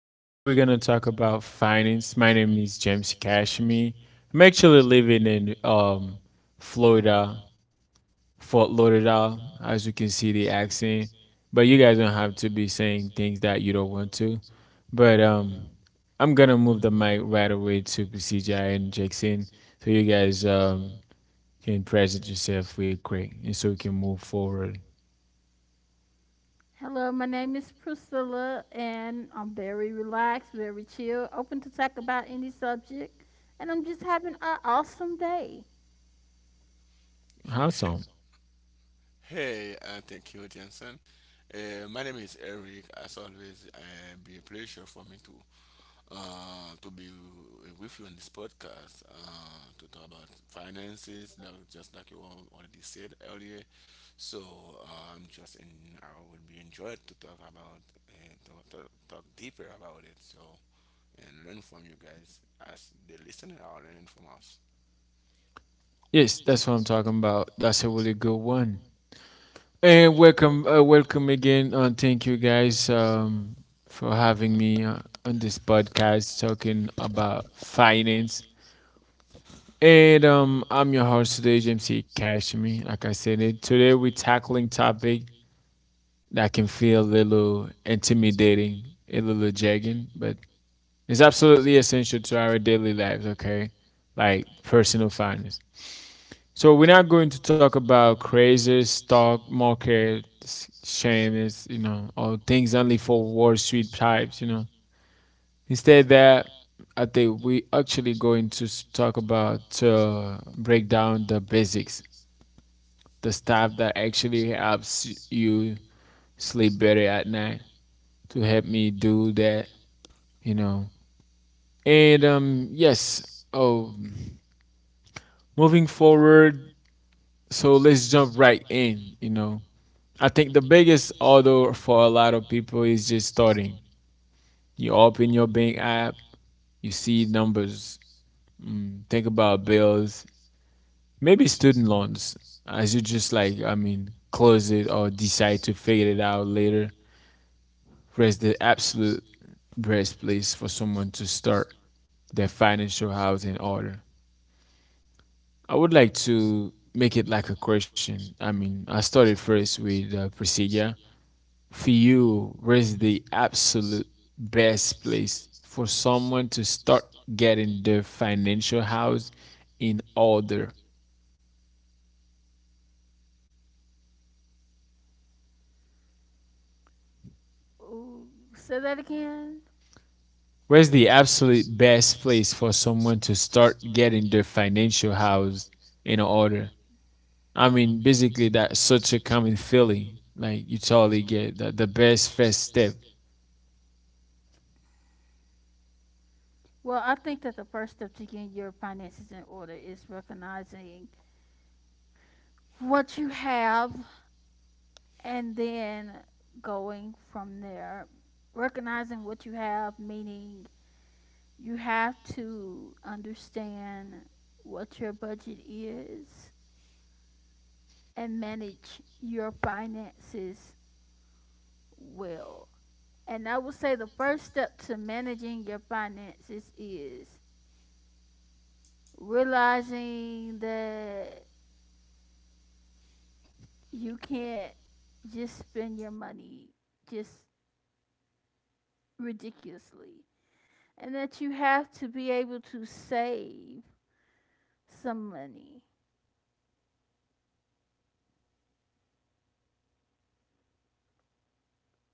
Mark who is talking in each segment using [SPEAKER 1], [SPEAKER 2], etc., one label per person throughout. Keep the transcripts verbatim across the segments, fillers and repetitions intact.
[SPEAKER 1] Today we're gonna talk about finance. My name is James Cashmi. I'm actually living in um Florida, Fort Lauderdale, as you can see the accent. But you guys don't have to be saying things that you don't want to. But um I'm gonna move the mic right away to C J and Jackson so you guys um can present yourself real quick and so we can move forward.
[SPEAKER 2] Hello, my name is Priscilla, and I'm very relaxed, very chill, open to talk about any subject, and I'm just having an awesome day.
[SPEAKER 1] How
[SPEAKER 3] He-
[SPEAKER 1] so?
[SPEAKER 3] So, Hey, uh, thank you, Jensen. Uh, my name is Eric. As always, uh, be a pleasure for me to uh, to be with you on this podcast uh, to talk about finances, now, just like you al- already said earlier. So uh, I'm just in. I would be enjoyed to talk about uh, talk, talk, talk deeper about it. So and learn from you guys as the listener are learning from us.
[SPEAKER 1] Yes, that's what I'm talking about. That's a really good one. And welcome, uh, welcome again, and thank you guys um, for having me uh, on this podcast talking about finance. And um, I'm your host today, James C. Cashmere. Like I said, it today we're tackling topic that can feel a little intimidating, a little jagging, but it's absolutely essential to our daily lives. Okay, like personal finance. So we're not going to talk about crazy stock market shames, you know, or things only for Wall Street types, you know. Instead, that I think we actually going to talk about uh, break down the basics, the stuff that actually helps you sleep better at night. To help me do that, you know. And um, yes. Oh, moving forward. So let's jump right in. You know, I think the biggest order for a lot of people is just starting. You open your bank app, you see numbers, mm, think about bills, maybe student loans, as you just like, I mean, close it or decide to figure it out later. Rest the absolute best place for someone to start their financial house in order. I would like to make it like a question. I mean, I started first with uh, procedure for you, where's the absolute best place for someone to start getting their financial house in order?
[SPEAKER 2] Ooh, say that again.
[SPEAKER 1] Where's the absolute best place for someone to start getting their financial house in order? I mean, basically, that's such a common feeling. Like, you totally get that the best first step.
[SPEAKER 2] Well, I think that the first step to getting your finances in order is recognizing what you have and then going from there. Recognizing what you have, meaning you have to understand what your budget is and manage your finances well. And I would say the first step to managing your finances is realizing that you can't just spend your money just ridiculously and that you have to be able to save some money.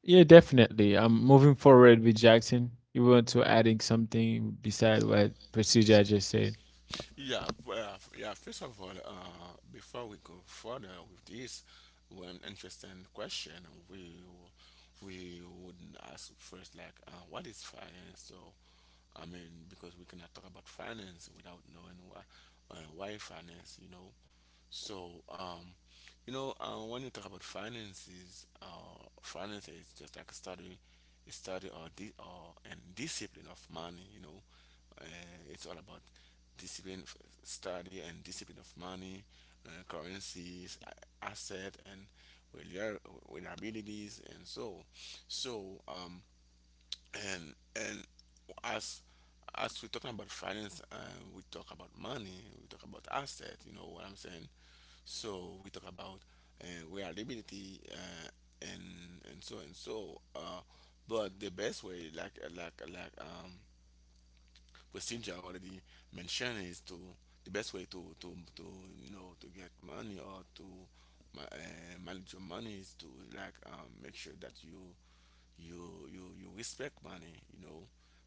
[SPEAKER 1] Yeah, definitely. I'm moving forward with Jackson. You want to adding something beside what Procedure just said?
[SPEAKER 3] Yeah, well, yeah. first of all, uh, before we go further with this, one interesting question we we wouldn't ask first like uh, what is finance? So I mean, because we cannot talk about finance without knowing why uh, why finance, you know. So um, you know, uh, when you talk about finances, uh, finance is just like a study, a study or di- or and discipline of money, you know uh, it's all about discipline of study and discipline of money, uh, currencies, a- asset, and relia- reliabilities, and so so um and and as as we're talking about finance, uh, we talk about money, we talk about asset. You know what I'm saying? So we talk about uh, reliability, uh, and and so and so uh but the best way, like like like um procedure already mentioned, is to the best way to to to you know to get money or to ma- uh, manage your money is to like um, make sure that you you you you respect money. You know,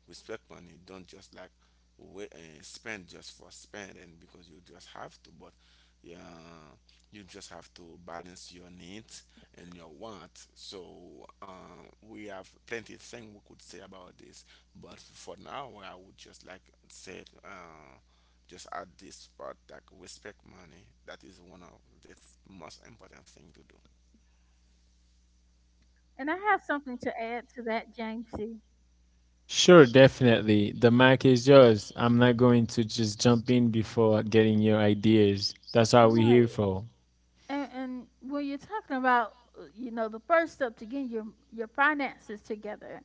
[SPEAKER 3] respect money. Don't just like wait and spend just for spend and because you just have to but yeah you just have to balance your needs and your wants. So uh, we have plenty of things we could say about this, but for now I would just like say uh, just add this part like respect money. That is one of the most important thing to do.
[SPEAKER 2] And I have something to add to that, Jamesy.
[SPEAKER 1] Sure, definitely. The
[SPEAKER 2] Uh,
[SPEAKER 1] mic is yours. I'm not going to just jump in before getting your ideas. That's what we're here
[SPEAKER 2] Right.
[SPEAKER 1] for.
[SPEAKER 2] And, and when you're talking about, uh, you know, the first step to getting your your finances together,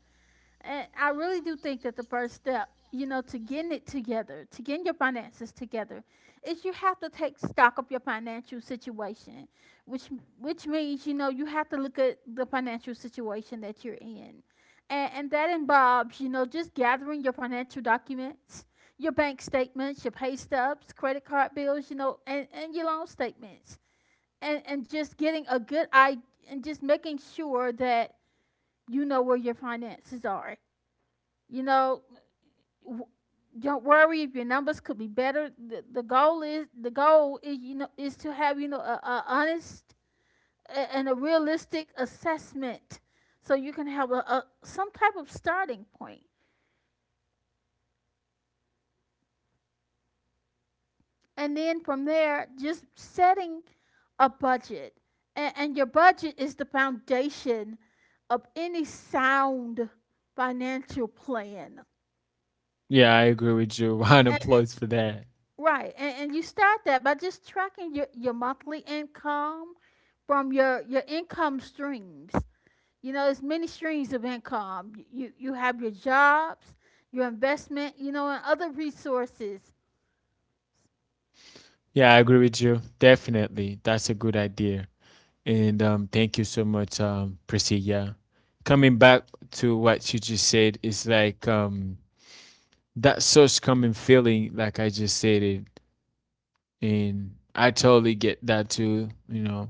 [SPEAKER 2] and I really do think that the first step, you know, to getting it together, to getting your finances together, is you have to take stock of your financial situation, which which means you know you have to look at the financial situation that you're in, and and that involves you know just gathering your financial documents. Your bank statements, your pay stubs, credit card bills, you know, and, and your loan statements and and just getting a good I and just making sure that you know where your finances are. You know, w- don't worry if your numbers could be better. The, the goal is the goal is you know is to have you know a, a honest a- and a realistic assessment, so you can have a, a some type of starting point, and then from there, just setting a budget. And, and your budget is the foundation of any sound financial plan.
[SPEAKER 1] Yeah, I agree with you. Round of
[SPEAKER 2] And,
[SPEAKER 1] applause for that.
[SPEAKER 2] right. And, and you start that by just tracking your, your monthly income from your, your income streams. You know, there's many streams of income. You, you, you have your jobs, your investment, you know, and other resources.
[SPEAKER 1] Yeah, I agree with you. Definitely. That's a good idea. And um, thank you so much, um, Priscilla. Coming back to what you just said, it's like um, that such common feeling, like I just said it. And I totally get that too, you know.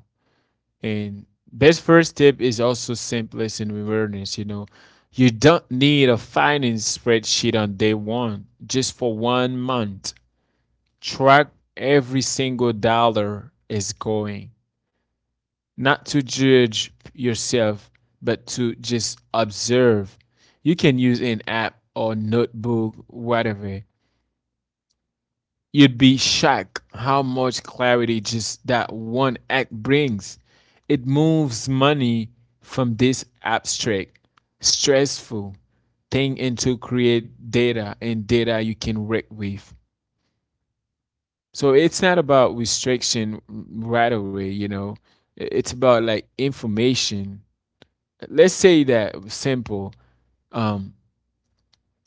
[SPEAKER 1] And best first tip is also simplest in awareness. You know, you don't need a finance spreadsheet on day one, just for one month. Track every single dollar is going, not to judge yourself, but to just observe. You can use an app or notebook, whatever. You'd be shocked how much clarity just that one act brings. It moves money from this abstract, stressful thing into create data and data you can work with. So it's not about restriction right away, you know. It's about like information. Let's say that simple. Um,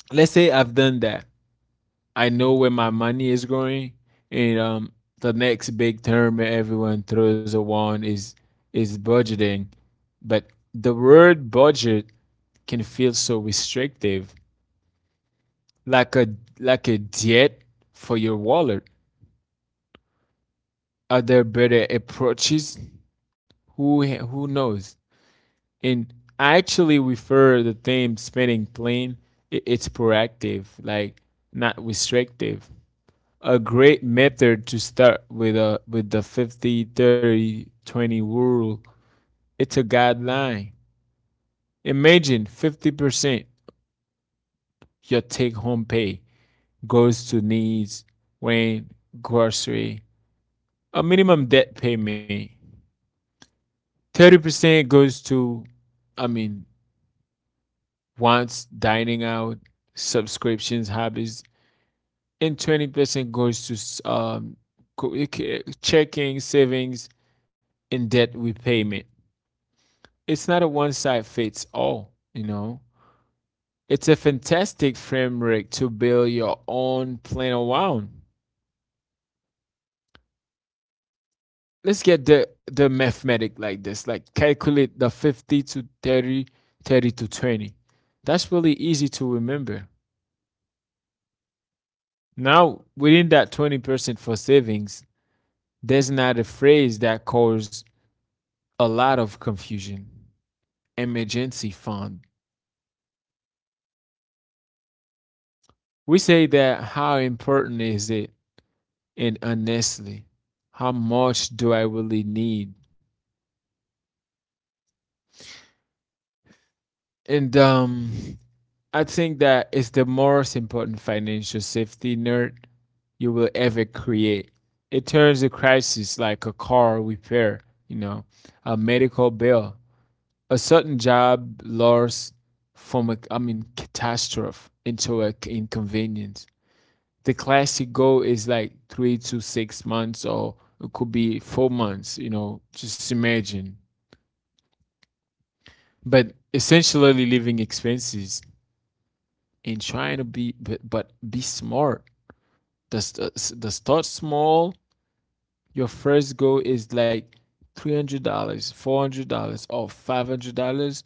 [SPEAKER 1] let's say I've done that. I know where my money is going, and um, the next big term everyone throws around is is budgeting. But the word budget can feel so restrictive, like a like a diet for your wallet. Are there better approaches? Who who knows? And I actually refer the theme spending plan. It's proactive, like not restrictive. A great method to start with a with the 50 30 twenty rule. It's a guideline. Imagine fifty percent your take home pay goes to needs, rent, grocery, a minimum debt payment. thirty percent goes to, i mean wants, dining out, subscriptions, hobbies. And twenty percent goes to um, checking, savings and debt repayment. It's not a one size fits all, you know. It's a fantastic framework to build your own plan around. Let's get the the mathematic like this, like calculate the fifty to thirty, thirty to twenty. That's really easy to remember. Now, within that twenty percent for savings, there's another phrase that causes a lot of confusion. Emergency fund. We say that, how important is it? And honestly, how much do I really need? And um I think that it's the most important financial safety net you will ever create. It turns a crisis like a car repair, you know, a medical bill, a certain job loss, from a, i mean catastrophe into a c- inconvenience. The classic goal is like three to six months, or it could be four months, you know, just imagine, but essentially living expenses. And trying to be, but, but be smart. The, st- the start small. Your first goal is like three hundred dollars, four hundred dollars or five hundred dollars.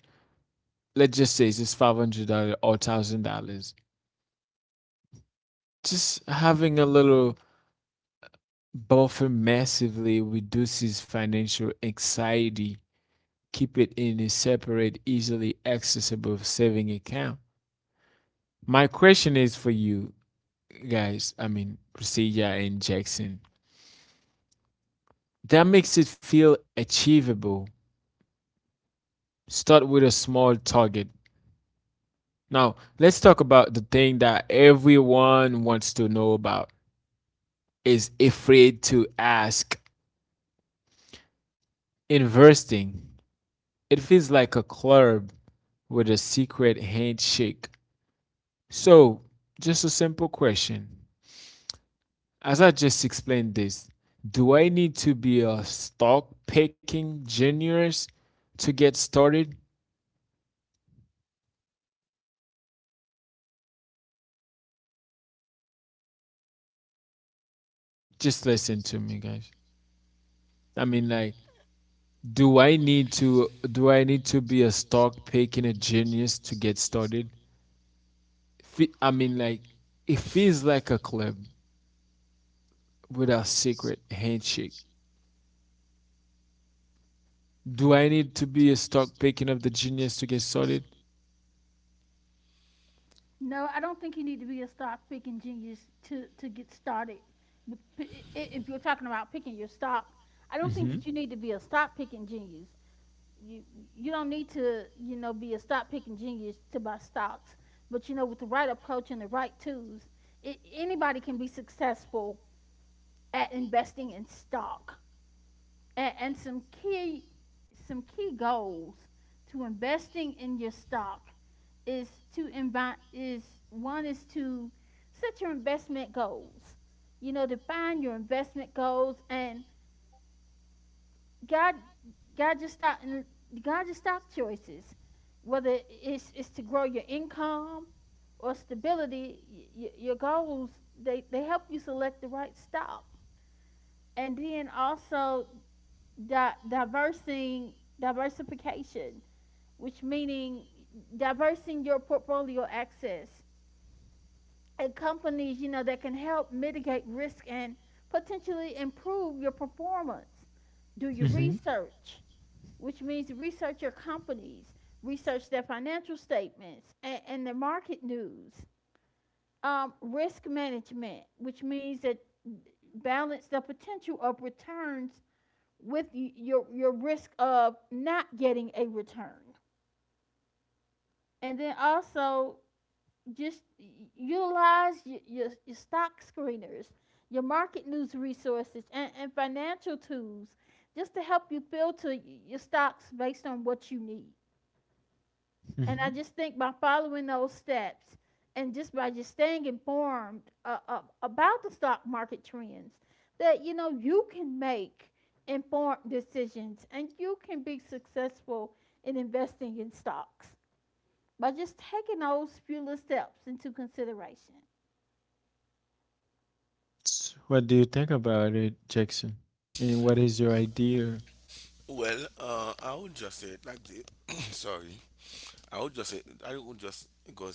[SPEAKER 1] Let's just say it's just five hundred dollars or one thousand dollars. Just having a little buffer massively reduces financial anxiety. Keep it in a separate easily accessible saving account. My question is for you guys, I mean, Priscilla and Jackson. That makes it feel achievable. Start with a small target. Now, let's talk about the thing that everyone wants to know about is afraid to ask. Investing. It feels like a club with a secret handshake. So, just a simple question. As I just explained this, do I need to be a stock picking genius to get started? Just listen to me guys, I mean, like, do i need to do i need to be a stock picking a genius to get started? Fe- i mean like it feels like a club with a secret handshake. Do I need to be a stock picking of the genius to get started?
[SPEAKER 2] No, I don't think you need to be a stock picking genius to, to get started. With p- I- I- If you're talking about picking your stock, I don't think that you
[SPEAKER 1] Mm-hmm.
[SPEAKER 2] need to be a stock picking genius. You you don't need to you know be a stock picking genius to buy stocks. But you know with the right approach and the right tools, I anybody can be successful at investing in stock and, and some key some key goals to investing in your stock is to invite is one is to set your investment goals. You know, define your investment goals and guide guide your stock and guide your stock choices whether it's, it's to grow your income or stability y- y- your goals they, they help you select the right stock and then also di- diversing diversification, which meaning diversing your portfolio access and companies you know that can help mitigate risk and potentially improve your performance. Do your
[SPEAKER 1] Mm-hmm.
[SPEAKER 2] research, which means research your companies, research their financial statements and, and their market news. Um, risk management, which means that balance the potential of returns with your your risk of not getting a return. And then also just utilize your, your, your stock screeners, your market news resources, and, and financial tools just to help you filter your stocks based on what you need. And I
[SPEAKER 1] Mm-hmm.
[SPEAKER 2] just think by following those steps and just by just staying informed uh, uh, about the stock market trends, that you know you can make informed decisions and you can be successful in investing in stocks by just taking those few little steps into consideration.
[SPEAKER 1] What do you think about it, Jackson, and what is your idea?
[SPEAKER 3] Well, uh, I would just say it like this. Sorry. I would just I would just go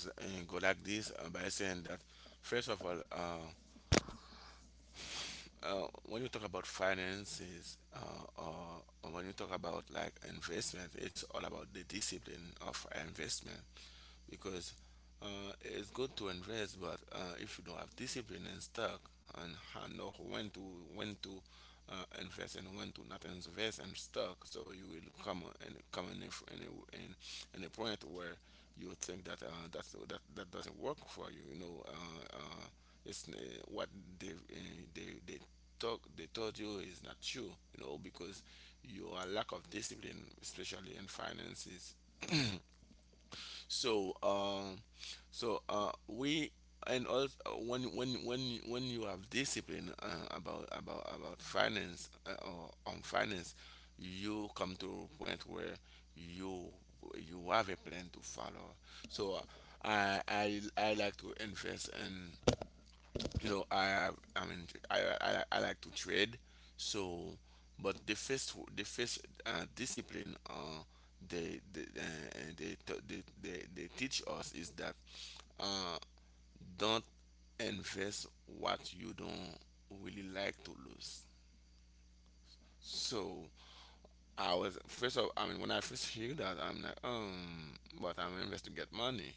[SPEAKER 3] go like this, uh, by saying that first of all, uh, uh, when you talk about finances uh, or, or when you talk about like investment, it's all about the discipline of investment. Because uh, it's good to invest, but uh, if you don't have discipline and stock and ha- know when to when to uh, invest and when to not invest in stock, so you will come and come in a, f- in a, in, in a point where you think that uh, that's, that that doesn't work for you. You know, uh, uh, it's uh, what they uh, they they talk they told you is not true. You know, because your lack of discipline, especially in finances. So um, so uh, we And also when when when when you have discipline uh, about about about finance uh, or on finance, you come to a point where you you have a plan to follow. So I I I like to invest in, you know I have I mean I I, I like to trade. So but the first the first uh, discipline uh they they, uh, they, t- they they they teach us is that uh don't invest what you don't really like to lose. So I was first of I mean when I first hear that, I'm like um but I'm investing to get money.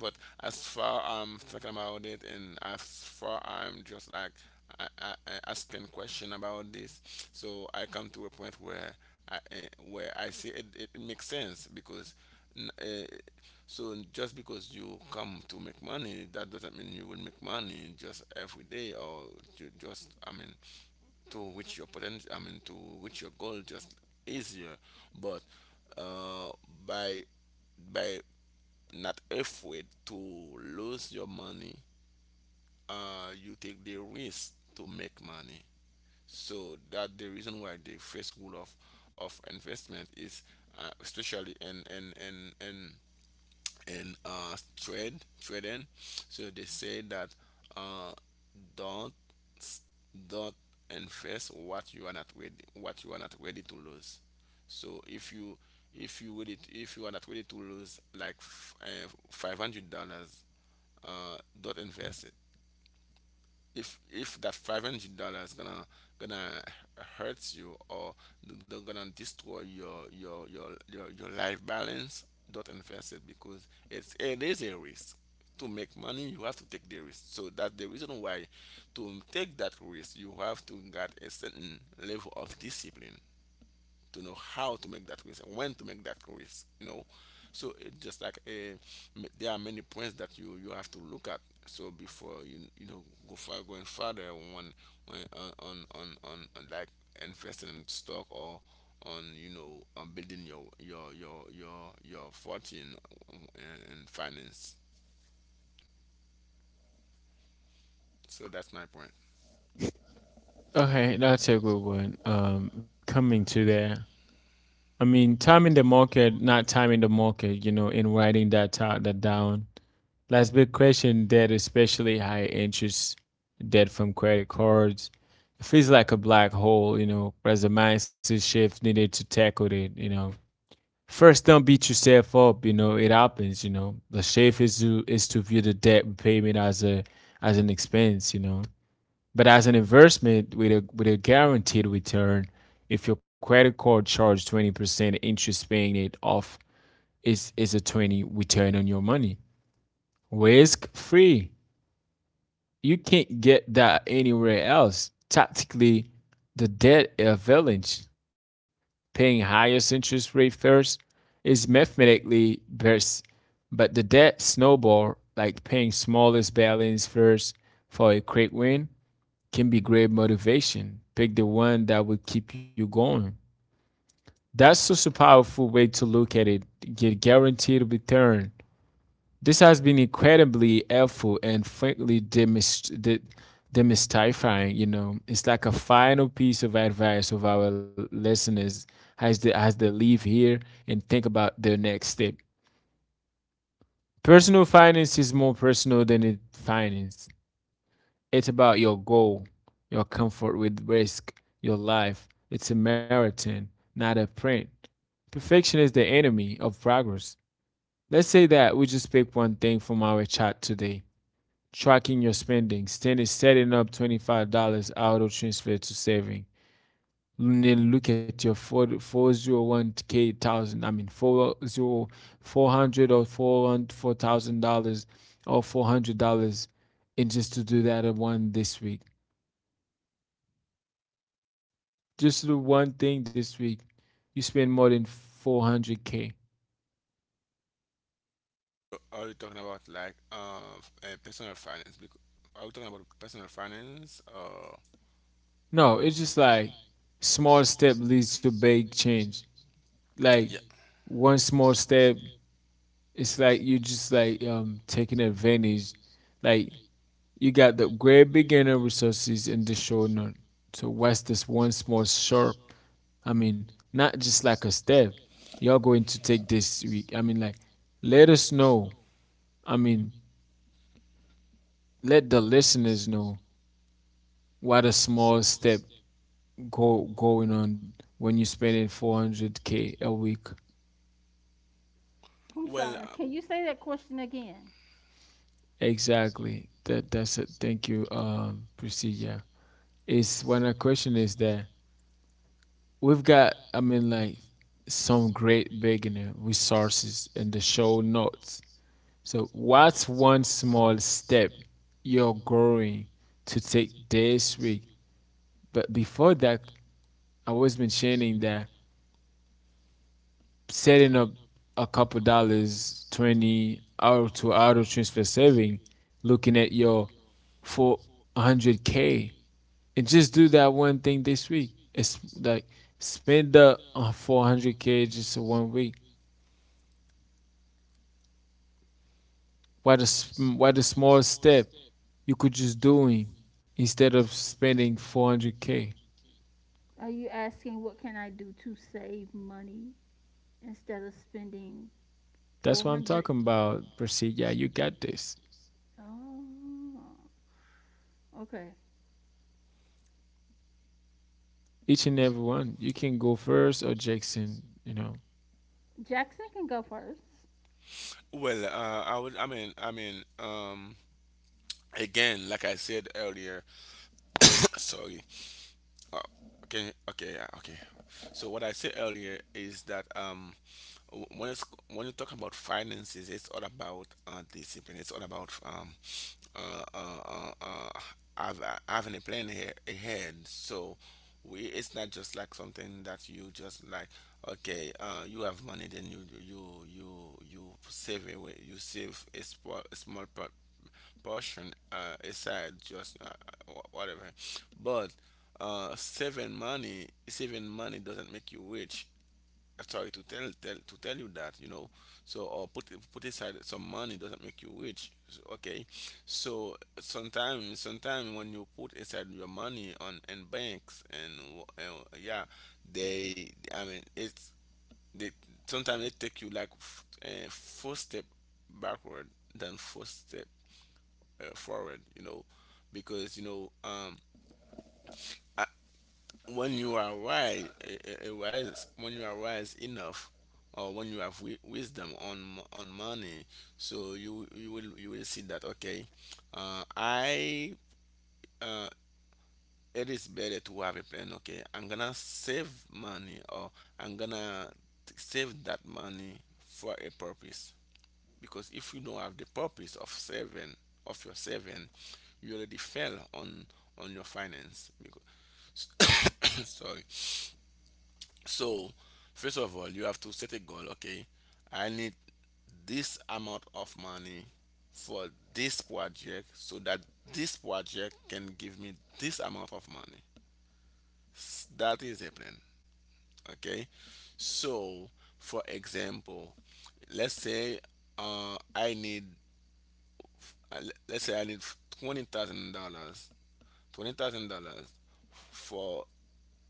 [SPEAKER 3] But as far I'm thinking about it, and as far I'm just like I, I, I asking question about this, so I come to a point where I eh, where I say it, it makes sense. Because Uh, so just because you come to make money, that doesn't mean you will make money just every day or ju- just I mean to reach your potential. I mean to reach your goal just easier. But uh, by by not afraid to lose your money. Uh, you take the risk to make money. So that the reason why the first rule of of investment is, uh, especially in in in in in uh, trade trading. So they say that uh, don't s- don't invest what you are not ready, what you are not ready to lose. So if you, if you ready if you are not ready to lose like f- uh, five hundred dollars, uh, don't invest it. If if that five hundred dollars gonna gonna hurt you or they're gonna destroy your your your your, your life balance, don't invest it because it's it is a risk. To make money, you have to take the risk. So that's the reason why to take that risk, you have to get a certain level of discipline to know how to make that risk and when to make that risk. You know, so it's just like a, there are many points that you you have to look at. So before you you know go far going further on on on on, on, on like investing in stock or on you know on building your your your your your fortune eh, in finance. So that's my point.
[SPEAKER 1] Okay, that's a good one. um coming to that, I mean, timing the market, not timing the market, you know, in writing that ta- that down. Last big question, debt, especially high interest debt from credit cards. It feels like a black hole, you know, as a mindset shift needed to tackle it, you know. First, don't beat yourself up, you know, it happens, you know. The shift is to is to view the debt repayment as a as an expense, you know. But as an investment with a with a guaranteed return, if your credit card charge twenty percent interest, paying it off is is a twenty return on your money. Risk free. You can't get that anywhere else. Tactically, the debt advantage, paying highest interest rate first, is mathematically best, but the debt snowball, like paying smallest balance first for a quick win, can be great motivation. Pick the one that will keep you going. That's such a powerful way to look at it. Get guaranteed return. This has been incredibly helpful and frankly demystifying. You know, it's like a final piece of advice of our listeners as they, as they leave here and think about their next step. Personal finance is more personal than it finance. It's about your goal, your comfort with risk, your life. It's a marathon, not a print. Perfection is the enemy of progress. Let's say that we just pick one thing from our chat today. Tracking your spending. Stan is setting up twenty-five dollars auto transfer to saving. Then look at your forty four oh one k thousand, I mean, four zero four hundred or four thousand dollars or four hundred dollars, and just to do that one this week. Just do one thing this week. You spend more than four hundred K.
[SPEAKER 3] So are you talking about like uh, uh personal finance? Because are we talking about personal finance or
[SPEAKER 1] No, it's just like small step leads to big change. Like
[SPEAKER 3] yeah
[SPEAKER 1] one small step, it's like you just like um taking advantage. Like you got the great beginner resources in the short none. So what's this one small sharp? I mean, not just like a step. You're going to take this week. I mean, like, let us know. I mean, let the listeners know what a small step go going on when you're spending four hundred k a week.
[SPEAKER 2] I'm
[SPEAKER 3] well.
[SPEAKER 2] sorry. Can you say that question again?
[SPEAKER 1] Exactly, that that's it. Thank you, um procedure. It's when the question is that we've got, I mean, like, some great beginner resources in the show notes. So what's one small step you're going to take this week? But before that, I was mentioning that setting up a couple dollars, twenty out to auto transfer saving, looking at your four hundred K, and just do that one thing this week. It's like spend the uh, four hundred K just one week. Why the, sm- why the small step you could just doing instead of spending four hundred K?
[SPEAKER 2] Are you asking what can I do to save money instead of spending
[SPEAKER 1] That's what I'm
[SPEAKER 2] four hundred?
[SPEAKER 1] talking about, Proceed. Yeah, you got this.
[SPEAKER 2] Oh, okay.
[SPEAKER 1] Each and every one. You can go first or Jackson, you know.
[SPEAKER 2] Jackson can go first.
[SPEAKER 3] Well, uh, I would. I mean, I mean, um, again, like I said earlier, sorry. Uh, okay, okay, yeah, okay. So what I said earlier is that um, w- when it's when you talk about finances, it's all about uh, discipline. It's all about um, uh, uh, uh, uh, have, having a plan here ahead. So we, it's not just like something that you just like okay, uh, you have money, then you you you you save away, you save a small, a small part portion uh, aside, just uh, wh- whatever. But uh, saving money, saving money doesn't make you rich. Uh, Sorry to tell, tell to tell you that, you know. So or put, put aside some money doesn't make you rich. So, okay, so sometimes sometimes when you put aside your money on in banks, and, w- and yeah, they I mean it's they sometimes they take you like f- uh, first step backward than first step uh, forward. You know, because you know, um, I, when you are wise, uh, uh, wise, when you are wise enough, or when you have wi- wisdom on m- on money, so you you will you will see that okay, uh, I uh, it is better to have a plan. Okay, I'm gonna save money, or I'm gonna t- save that money for a purpose. Because if you don't have the purpose of saving, of your saving you already fell on on your finance. Because sorry. So first of all, you have to set a goal. Okay, I need this amount of money for this project, so that this project can give me this amount of money. S- that is a plan. Okay, so for example, let's say uh, i need I- let's say I need twenty thousand dollars, twenty thousand dollars for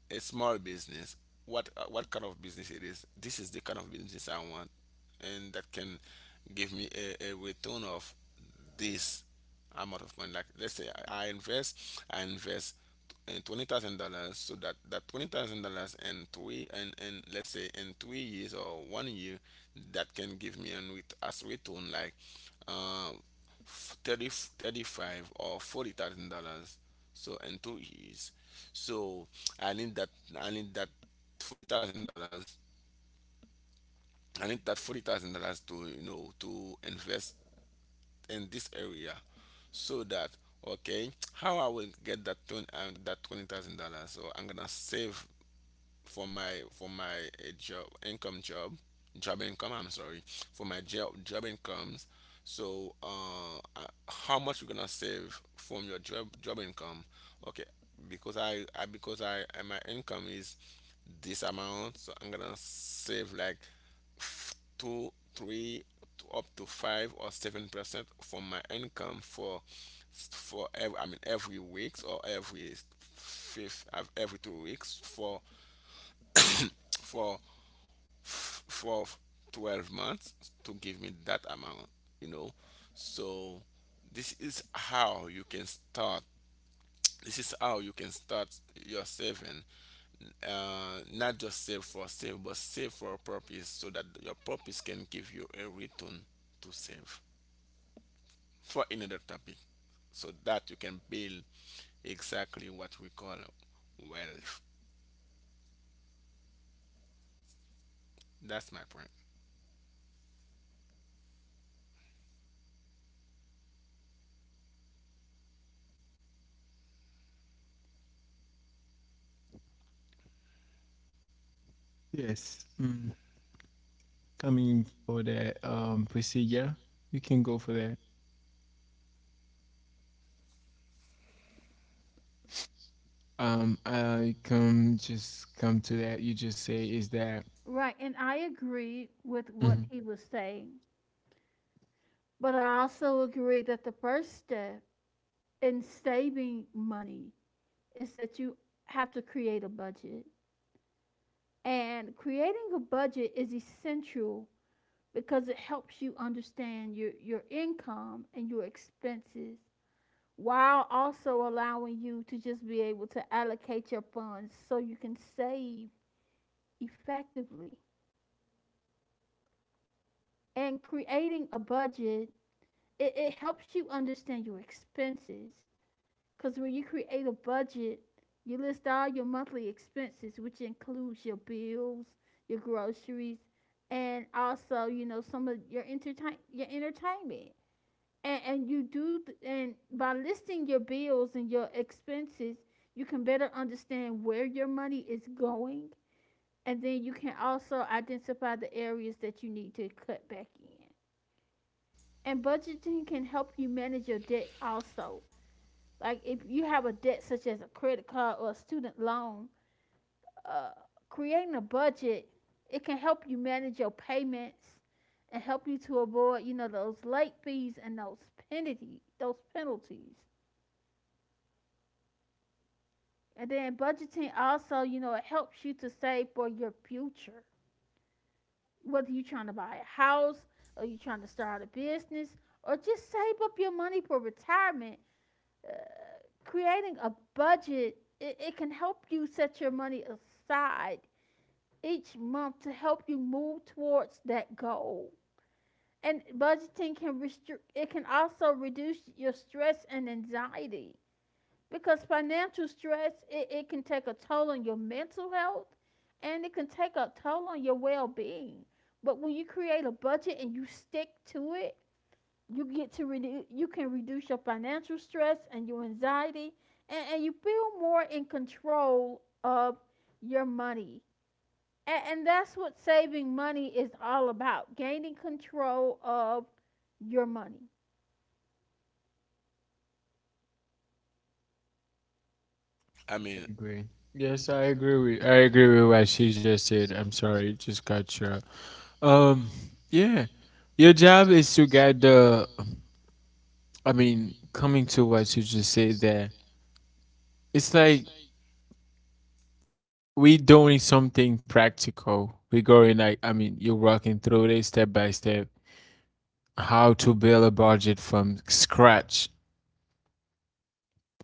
[SPEAKER 3] a small business. What, uh, what kind of business it is? This is the kind of business I want, and that can give me a, a return of this amount of money. Like let's say I I invest, I invest in twenty thousand dollars, so that that twenty thousand dollars in three and and let's say in three years or one year, that can give me an with as return like um f- thirty, thirty-five or forty thousand dollars. So in two years, so I need that I need that forty thousand dollars. I need that forty thousand dollars to you know to invest in this area so that, okay, how I will get that twenty and that twenty thousand dollars. So I'm gonna save for my for my uh, job income job job income I'm sorry, for my job job incomes. So uh uh, how much you're gonna save from your job job income? Okay, because i, I because i uh, my income is this amount, so I'm gonna save like f- two three to up to five or seven percent from my income for for every, I mean every weeks, or every fifth of every two weeks, for for f- for twelve months to give me that amount, you know. So this is how you can start. This is how you can start your saving. Uh, not just save for save, but save for a purpose, so that your purpose can give you a return. To save for another topic, so that you can build exactly what we call wealth. That's my point.
[SPEAKER 1] Yes. Mm. Coming for that, um procedure, you can go for that. Um, I come just come to that. You just say is that.
[SPEAKER 2] Right, and I agree with what
[SPEAKER 1] Mhm.
[SPEAKER 2] he was saying, but I also agree that the first step in saving money is that you have to create a budget. And creating a budget is essential because it helps you understand your, your income and your expenses while also allowing you to just be able to allocate your funds so you can save effectively. And creating a budget it, it helps you understand your expenses because when you create a budget you list all your monthly expenses which includes your bills, your groceries, and also you know some of your entertain your entertainment, and, and you do th- and by listing your bills and your expenses you can better understand where your money is going and then you can also identify the areas that you need to cut back in. And budgeting can help you manage your debt also. Like if you have a debt such as a credit card or a student loan, uh, creating a budget it can help you manage your payments and help you to avoid you know those late fees and those penalty those penalties. And then budgeting also you know it helps you to save for your future. Whether you're trying to buy a house or you're trying to start a business or just save up your money for retirement, uh, creating a budget it, it can help you set your money aside each month to help you move towards that goal. And budgeting can restrict, it can also reduce your stress and anxiety because financial stress, it, it can take a toll on your mental health and it can take a toll on your well being. But when you create a budget and you stick to it, you get to redu- you can reduce your financial stress and your anxiety and, and you feel more in control of your money and, and that's what saving money is all about: gaining control of your money.
[SPEAKER 3] i
[SPEAKER 1] I
[SPEAKER 3] mean
[SPEAKER 1] agree. Yes, I agree with I agree with what she just said. I'm sorry, it just got you. Um, yeah, your job is to guide the. I mean, coming to what you just said there, it's like we doing something practical. We going like I mean, you're walking through it step by step how to build a budget from scratch.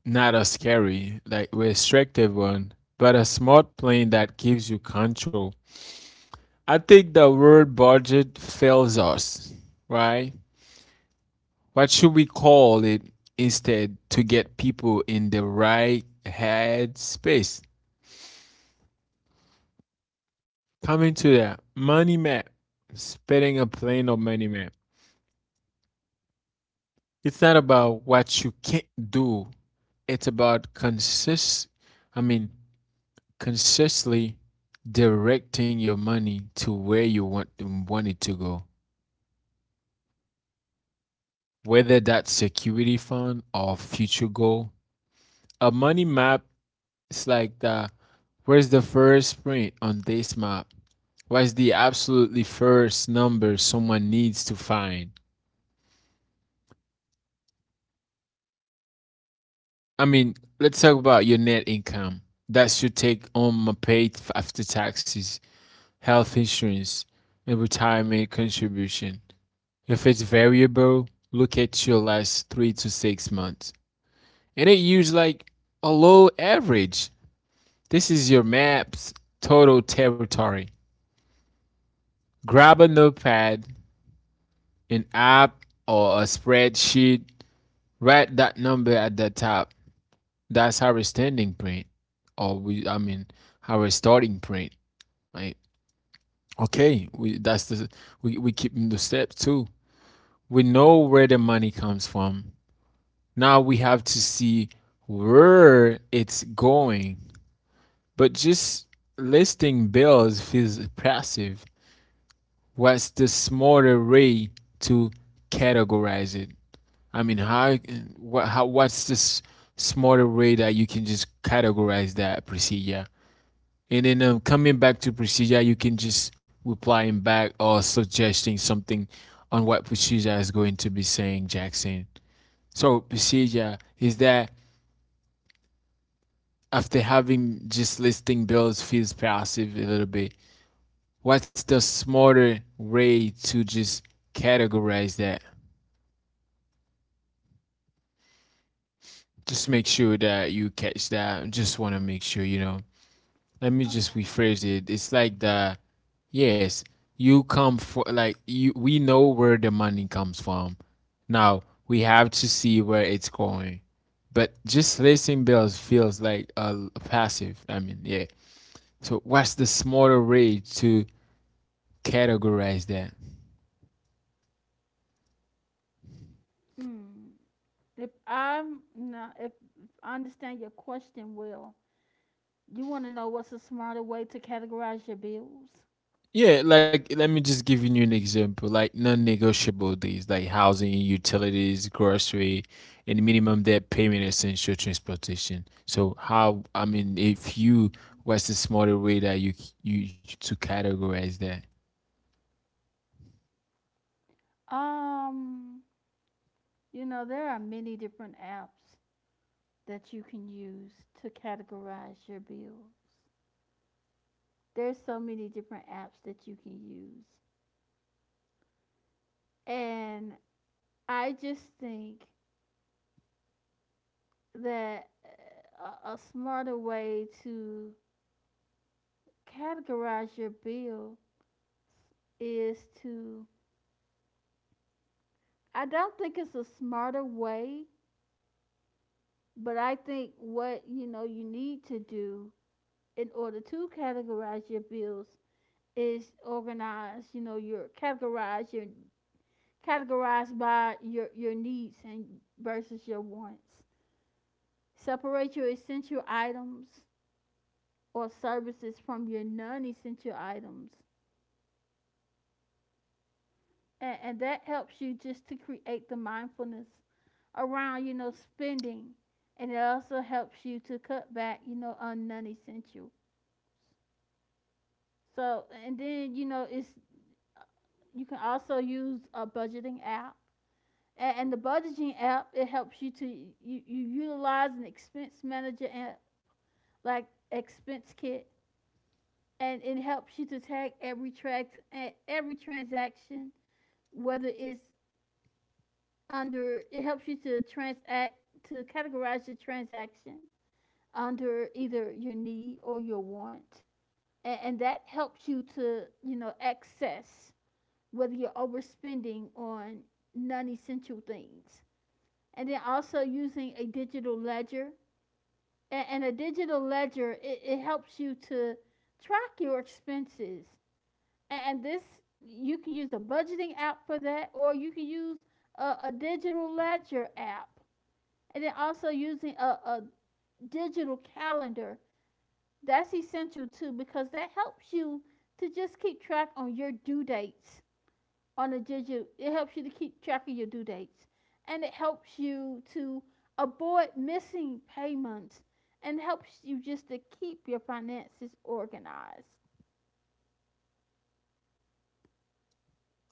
[SPEAKER 1] Not a scary, like restrictive one, but a smart plan that gives you control. I think the word budget fails us, right? What should we call it instead to get people in the right head space? Coming to that money map, spitting a plan of money map. It's not about what you can't do. It's about consist. I mean, consciously directing your money to where you want, want it to go, whether that's security fund or future goal. A money map is like the where's the first print on this map? What's the absolutely first number someone needs to find? I mean, let's talk about your net income. That's your take on my paid after taxes, health insurance, and retirement contribution. If it's variable, look at your last three to six months. And it use like a low average. This is your map's total territory. Grab a notepad, an app, or a spreadsheet. Write that number at the top. That's our standing print, or we, I mean, our starting print. Right? Okay, we that's the we we keep in the step too. We know where the money comes from. Now we have to see where it's going. But just listing bills feels passive. What's the smarter way to categorize it? I mean, how, what, how what's the smarter way that you can just categorize that procedure? And then um, coming back to procedure, you can just replying back or suggesting something on what procedure is going to be saying, Jackson. So procedure is that after having just listing bills feels passive a little bit. What's the smarter way to just categorize that? Just make sure that you catch that. Just want to make sure, you know. Let me just rephrase it. It's like the yes, you come for like you we know where the money comes from. Now, we have to see where it's going. But just listing bills feels like a, a passive. I mean, yeah. So what's the smarter way to categorize that.
[SPEAKER 2] Mm. If I'm not, if, I understand your question well, you want to know what's a smarter way to categorize your bills?
[SPEAKER 1] Yeah, like let me just give you an example. Like non-negotiable these, like housing, utilities, grocery, and minimum debt payment, essential transportation. So how? I mean, if you what's the smarter way that you you to categorize that?
[SPEAKER 2] Um, you know, there are many different apps that you can use to categorize your bills. There's so many different apps that you can use. And I just think that uh, a, a smarter way to categorize your bill is to I don't think it's a smarter way, but I think what you know you need to do in order to categorize your bills is organize, you know, your categorize your categorize by your your needs and versus your wants. Separate your essential items or services from your non-essential items and, and that helps you just to create the mindfulness around you know spending and it also helps you to cut back you know on non-essential. So and then you know it's you can also use a budgeting app and, and the budgeting app it helps you to you, you utilize an expense manager app like expense kit and it helps you to tag every track every transaction whether it's under it helps you to transact to categorize your transaction under either your need or your want, and, and that helps you to you know access whether you're overspending on non-essential things. And then also using a digital ledger, and, and a digital ledger it, it helps you to track your expenses, and, and this you can use a budgeting app for that or you can use a, a digital ledger app. And then also using a, a digital calendar, that's essential too because that helps you to just keep track on your due dates on a digital it helps you to keep track of your due dates and it helps you to avoid missing payments and helps you just to keep your finances organized.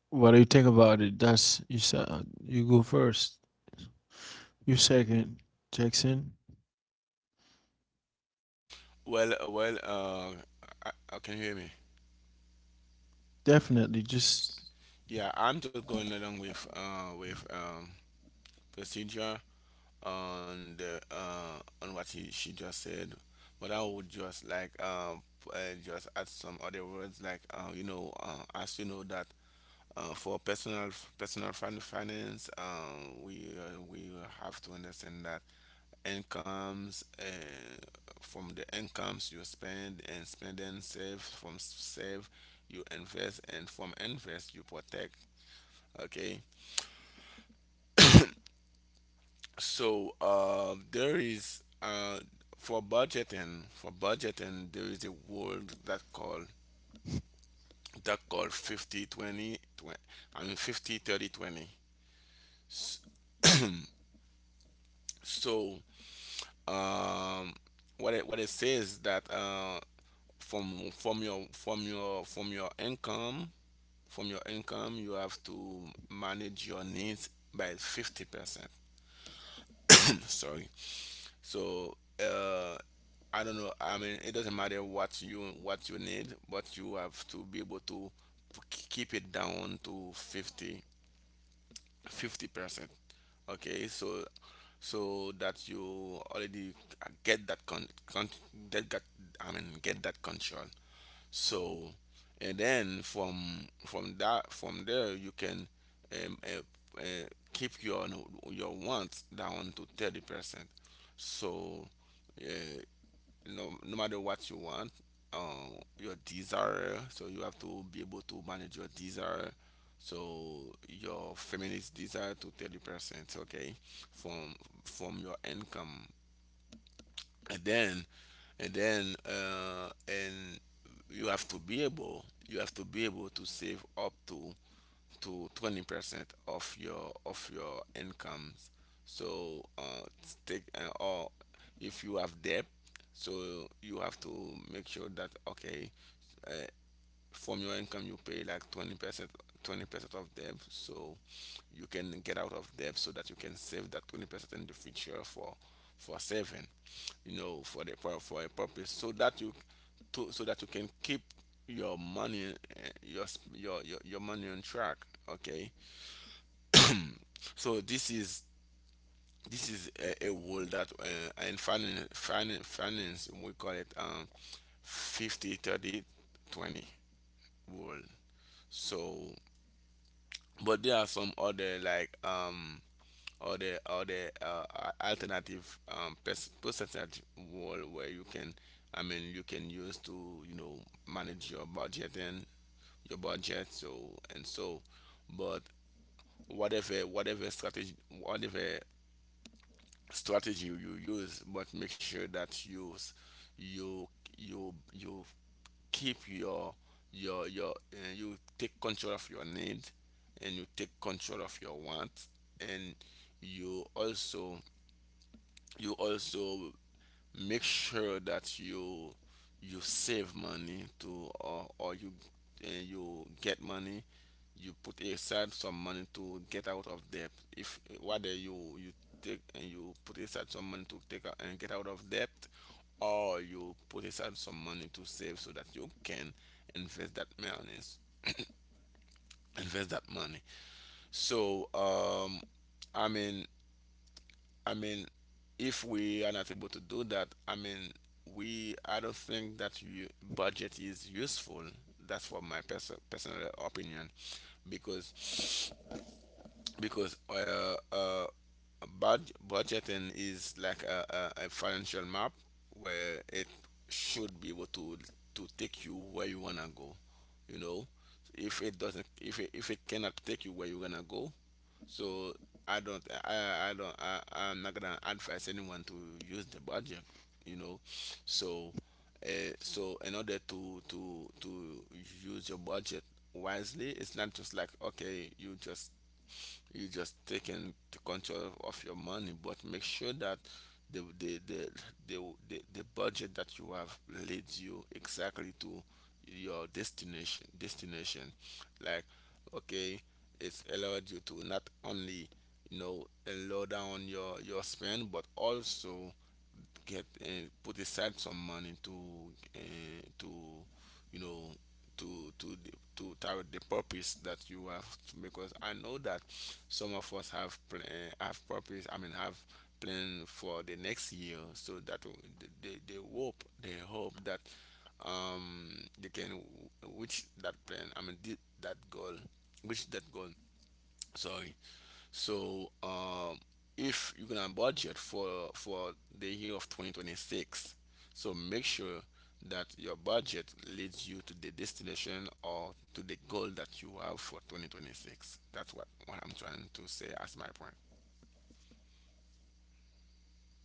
[SPEAKER 1] What do you think about it? That's you said you go first. You second, Jackson.
[SPEAKER 3] well well uh uh, uh, can you hear me?
[SPEAKER 1] Definitely. Just
[SPEAKER 3] Yeah, I'm just going along with uh with um procedure, on the uh on what he, she just said, but I would just like, um uh, just add some other words, like, uh you know, uh, as you know that, uh, for personal personal fin- finance, um we uh, we have to understand that incomes, uh, from the incomes you spend, and spend and save. From s- save you invest, and from invest you protect. Okay. So, um, there is, uh, for budgeting, for budgeting there is a word that call that called 50 20 twenty, I mean 50 30 twenty. S- So um, what it, what it says, that, uh, from from your from your from your income, from your income you have to manage your needs by fifty percent. Sorry. So, uh, I don't know, I mean, it doesn't matter what you what you need, but you have to be able to p- keep it down to fifty fifty percent. Okay, so, so that you already get that con, con that got I mean, get that control. So, and then from from that from there you can, um, uh, uh, keep your your wants down to thirty percent. So, uh, no, no matter what you want, um, your desire. So you have to be able to manage your desire. So your feminist desire to thirty percent. Okay, from from your income, and then and then uh, and you have to be able, you have to be able to save up to to twenty percent of your of your incomes. So, uh take, uh, or if you have debt, so you have to make sure that, okay, uh, from your income you pay like twenty percent, twenty percent of debt, so you can get out of debt, so that you can save that twenty percent in the future for for saving, you know, for the for, for a purpose, so that you to so that you can keep your money, uh, your, sp- your your your money on track. Okay, so this is this is a a world that, uh, in finance, finance, finance we call it, um fifty thirty twenty world. So, but there are some other, like, um other other, uh, a- alternative, um pers- percentage world, where you can, I mean, you can use to, you know, manage your budget and your budget so and so. But whatever whatever strategy whatever strategy you use, but make sure that you s- you you you keep your your your uh, you take control of your need, and you take control of your want, and you also, you also make sure that you you save money to, or, or you, uh, you get money, you put aside some money to get out of debt. If whether you you take and you put aside some money to take out and get out of debt, or you put aside some money to save, so that you can invest that money, invest that money so. um i mean I mean, if we are not able to do that, I mean, we I don't think that you, budget is useful. That's for my pers- personal opinion, because, because uh, uh, bud- budgeting is like a, a, a financial map, where it should be able to to take you where you wanna go. You know, if it doesn't, if it, if it cannot take you where you wanna go, so I don't, I, I don't, I, I'm not gonna advise anyone to use the budget, you know. So, Uh, so in order to to to use your budget wisely, it's not just like, okay, you just you just taking the control of your money, but make sure that the the the the, the, the budget that you have leads you exactly to your destination, destination like, okay, it's allowed you to not only, you know, lower down your your spend, but also get, uh, put aside some money to, uh, to you know, to to the- to target the purpose that you have to. Because I know that some of us have plan, have purpose, I mean, have plan for the next year, so that w- they, they they hope, they hope that, um they can w- reach that plan, I mean, thi- that goal. Reach that goal, sorry. So, um if you're gonna budget for for the year of twenty twenty-six, so make sure that your budget leads you to the destination or to the goal that you have for twenty twenty-six. That's what, what I'm trying to say as my point.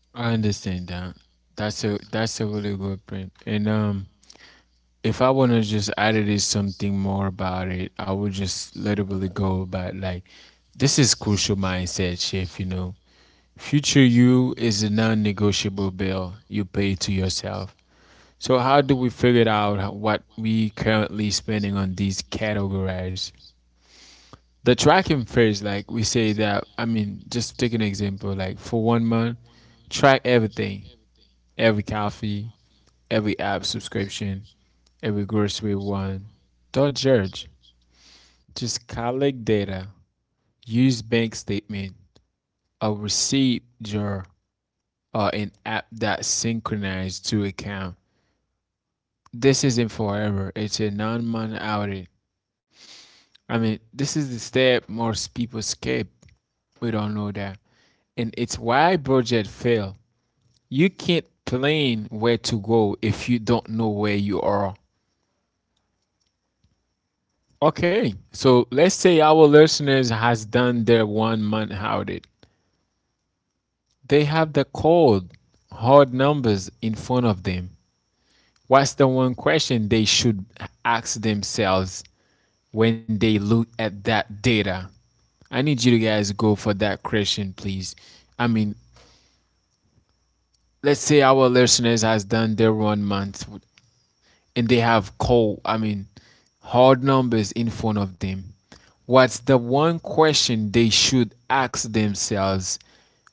[SPEAKER 1] I understand that. That's a that's a really good print. And um if I wanna just add it is something more about it, I would just literally go about like this is crucial mindset shift, you know. Future you is a non negotiable bill you pay to yourself. So how do we figure out how- what we currently spending on these categories? The tracking phrase, like we say that I mean, just take an example, like for one month, track everything every coffee, every app subscription, every grocery one. Don't judge. Just collect data, use bank statement, a receipt jar, or an app that's synchronized to account. This isn't forever. It's a nine-month audit. I mean, this is the step most people skip. We don't know that. And it's why budget fail. You can't plan where to go if you don't know where you are. Okay, so let's say our listeners has done their one month audit. They have the cold, hard numbers in front of them. What's the one question they should ask themselves when they look at that data? I need you to guys go for that question, please. I mean, let's say our listeners has done their one month and they have cold, I mean, hard numbers in front of them. What's the one question they should ask themselves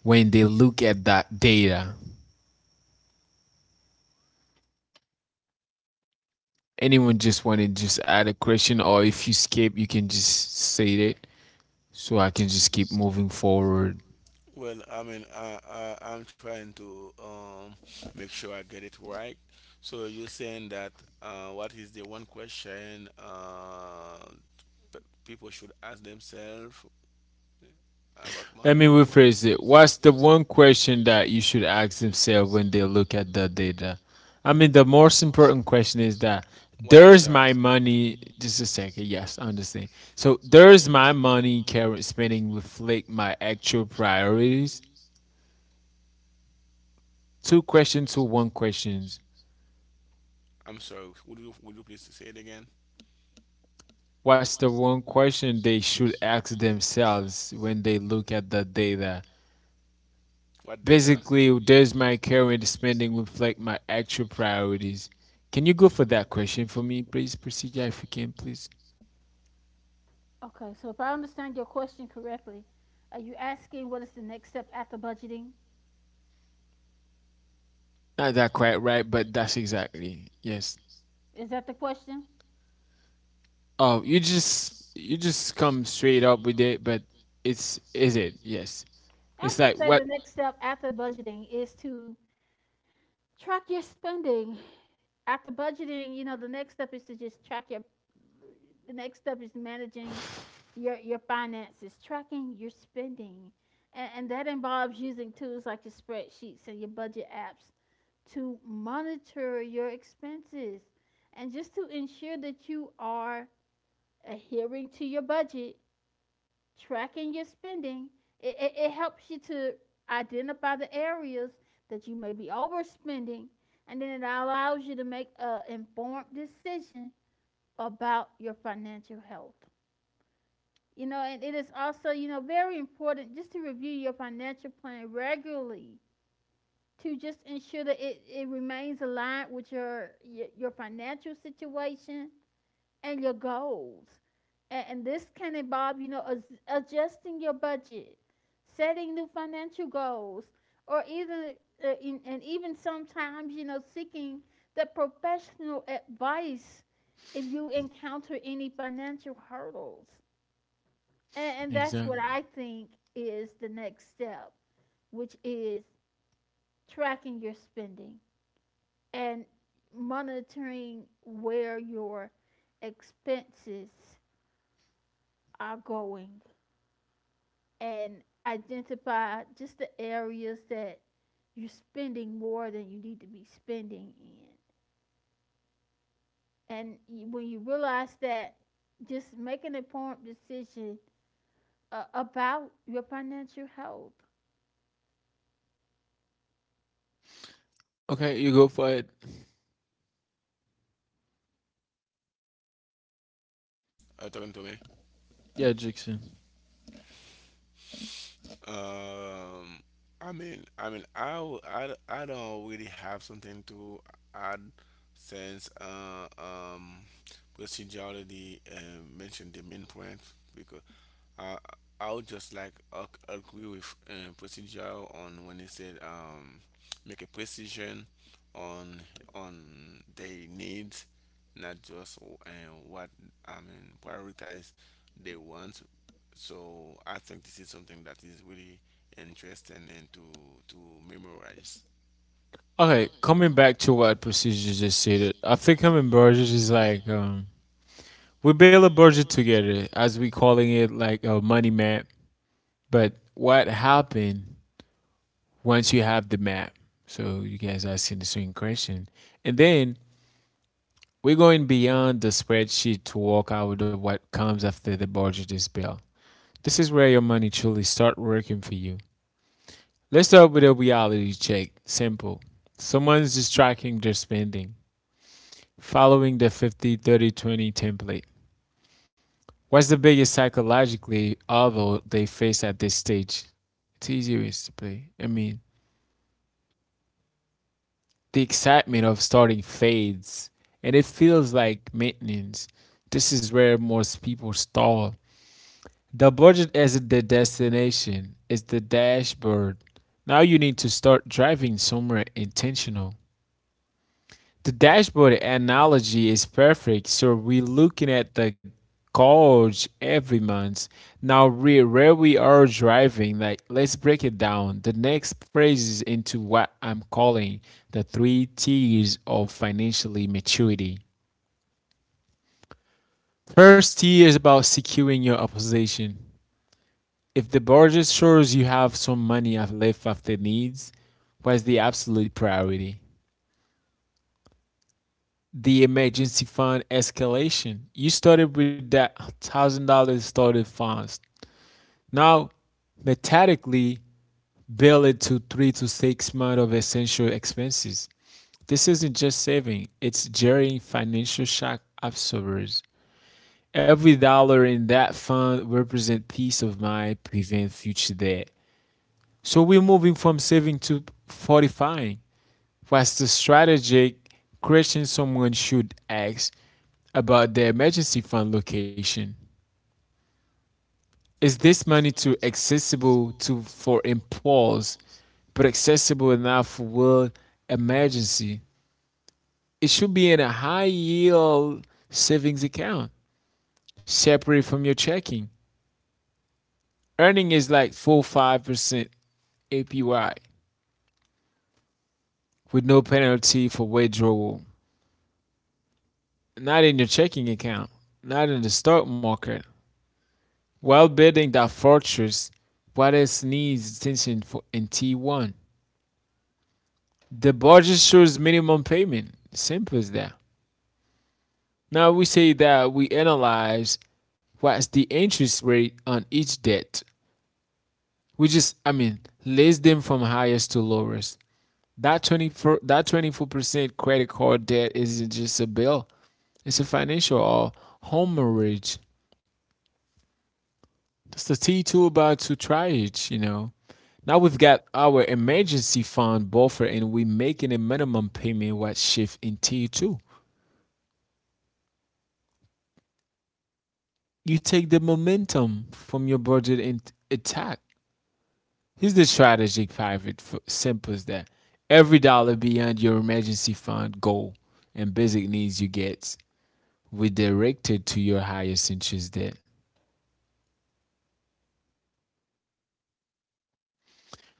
[SPEAKER 1] when they look at that data? Anyone just want to just add a question, or if you skip, you can just say it so I can just keep moving forward.
[SPEAKER 3] Well, I mean, I, I I'm trying to, um make sure I get it right. So you're saying that, uh, what is the one question, uh, p- people should ask themselves about? Let
[SPEAKER 1] Let me
[SPEAKER 3] me money.
[SPEAKER 1] rephrase it. What's the one question that you should ask themselves when they look at the data? I mean, the most important question is that
[SPEAKER 3] What?
[SPEAKER 1] there's my money. Just a second. Yes, I understand. So there's my money current spending reflect my actual priorities? Two questions to one questions.
[SPEAKER 3] I'm sorry, would you would you please say it again?
[SPEAKER 1] What's the one question they should ask themselves when they look at the data?
[SPEAKER 3] What data?
[SPEAKER 1] Basically, does my current spending reflect my actual priorities? Can you go for that question for me, please, procedure, if you can, please?
[SPEAKER 2] Okay, so if I understand your question correctly, are you asking what is the next step after budgeting?
[SPEAKER 1] Not that quite right, but that's exactly yes.
[SPEAKER 2] Is that the question?
[SPEAKER 1] Oh, you just you just come straight up with it, but it's is it yes?
[SPEAKER 2] I
[SPEAKER 1] It's
[SPEAKER 2] would
[SPEAKER 1] like
[SPEAKER 2] say the
[SPEAKER 1] what
[SPEAKER 2] next step after budgeting is to track your spending. After budgeting, you know, the next step is to just track your the next step is managing your your finances, tracking your spending. And, and that involves using tools like your spreadsheets and your budget apps to monitor your expenses and just to ensure that you are adhering to your budget. Tracking your spending it, it, it helps you to identify the areas that you may be overspending and then it allows you to make an informed decision about your financial health. You know, and it is also you know very important just to review your financial plan regularly to just ensure that it, it remains aligned with your, your your financial situation and your goals. And, and this can involve, you know, as- adjusting your budget, setting new financial goals, or even uh, in, and even sometimes, you know, seeking the professional advice if you encounter any financial hurdles. And, and that's
[SPEAKER 1] exactly?
[SPEAKER 2] what I think is the next step, which is tracking your spending and monitoring where your expenses are going, and identify just the areas that you're spending more than you need to be spending in. And when you realize that, just make an informed decision uh, about your financial health.
[SPEAKER 1] Okay, you go for it.
[SPEAKER 3] Are you talking to me?
[SPEAKER 1] Yeah, Jackson.
[SPEAKER 3] Um, I mean, I mean, I, w- I, d- I don't really have something to add, since, uh, um, procedure already, uh, mentioned the main point. Because I I would just like ag- agree with, uh, procedure on when he said, um, make a precision on on their needs, not just, uh, what I mean prioritize they want. So I think this is something that is really interesting and to to memorize.
[SPEAKER 1] Okay, coming back to what procedure just said, I think I'm in budget is like um, we build a budget together, as we calling it, like a money map. But what happened once you have the map? So you guys are asking the same question. And then we're going beyond the spreadsheet to walk out of what comes after the budget is built. This is where your money truly start working for you. Let's start with a reality check. Simple. Someone's just tracking their spending, following the fifty thirty twenty template. What's the biggest psychologically obstacle they face at this stage? It's easier to play. I mean, the excitement of starting fades and it feels like maintenance. This is where most people stall. The budget isn't the destination, it's the dashboard. Now you need to start driving somewhere intentional. The dashboard analogy is perfect. So we're looking at the gauge every month. Now we where we are driving, like let's break it down. The next phrases into what I'm calling the three T's of financially maturity. First T is about securing your opposition. If the budget shows you have some money left after needs, what's the absolute priority? The emergency fund escalation. You started with that one thousand dollars started funds. Now, methodically bill it to three to six months of essential expenses. This isn't just saving; it's jarring financial shock absorbers. Every dollar in that fund represents peace of mind, prevent future debt. So we're moving from saving to fortifying. What's the strategic question someone should ask about their emergency fund location? Is this money too accessible to for impulse, but accessible enough for world emergency? It should be in a high yield savings account, separate from your checking. Earning is like four to five percent A P Y with no penalty for withdrawal. Not in your checking account, not in the stock market, while building that fortress, Juarez needs attention for, in T one. The budget shows minimum payment. Simple as that. Now we say that we analyze what's the interest rate on each debt. We just, I mean, list them from highest to lowest. That twenty-four, that twenty-four percent credit card debt isn't just a bill. It's a financial or home mortgage. That's the T two about to try it, you know. Now we've got our emergency fund buffer and we're making a minimum payment what shift in tier two. You take the momentum from your budget and attack. Here's the strategic pivot for simple as that. Every dollar beyond your emergency fund goal and basic needs you get redirected to your highest interest debt.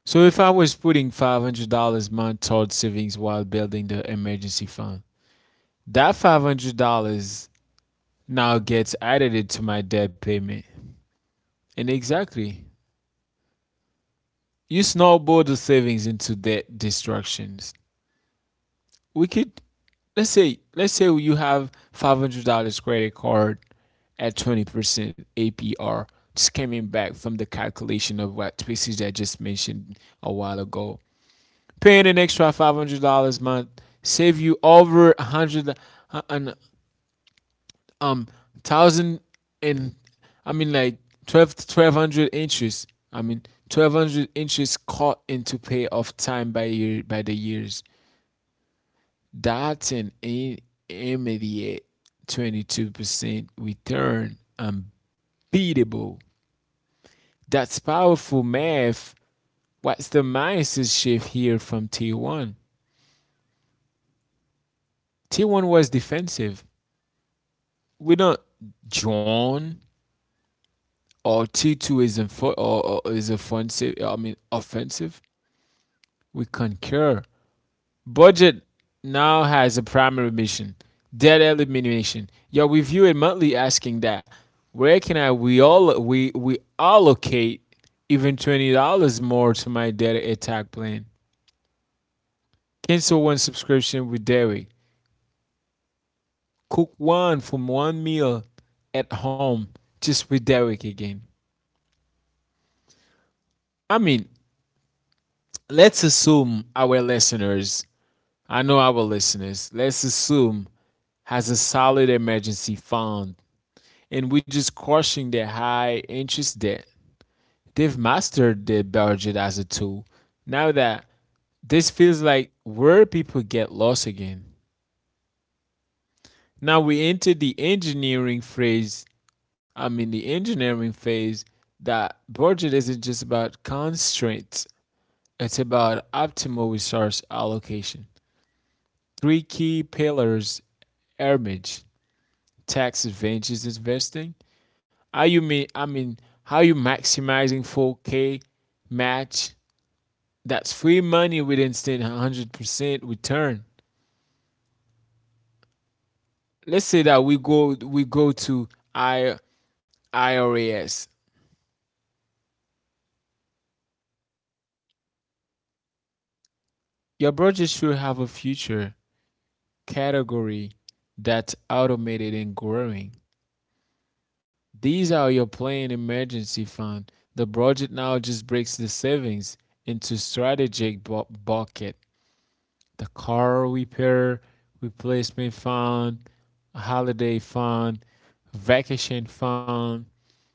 [SPEAKER 1] So if I was putting five hundred dollars a month toward savings while building the emergency fund, that five hundred dollars now gets added to my debt payment. And exactly. You snowball the savings into debt destructions. We could let's say let's say you have five hundred dollars credit card at twenty percent A P R, just coming back from the calculation of what species I just mentioned a while ago. Paying an extra five hundred dollars a month save you over a hundred and um thousand and I mean like twelve to twelve hundred inches. I mean twelve hundred inches caught into pay of time by year by the years. Dalton in immediate twenty two percent return unbeatable. That's powerful math. What's the mindset shift here from T one? T one was defensive. We don't John or T two is in for or, or is offensive. I mean offensive. We concur. Budget now has a primary mission debt elimination. Yo, we view it monthly asking that where can I we all we we allocate even twenty dollars more to my debt attack plan? Cancel one subscription with Derek. Cook one from one meal at home just with Derek again. I mean, let's assume our listeners, I know our listeners, let's assume has a solid emergency fund and which is crushing the high interest debt. They've mastered the budget as a tool. Now that this feels like where people get lost again. Now we enter the engineering phase. I mean the engineering phase that budget isn't just about constraints. It's about optimal resource allocation. Three key pillars: image, tax advantages investing, Are you mean I mean how you maximizing four K match? That's free money with instant one hundred percent return. Let's say that we go we go to I, IRAS. Your budget should have a future category that's automated and growing. These are your plan emergency fund. The budget now just breaks the savings into strategic bu- bucket. The car repair replacement fund, holiday fund, vacation fund,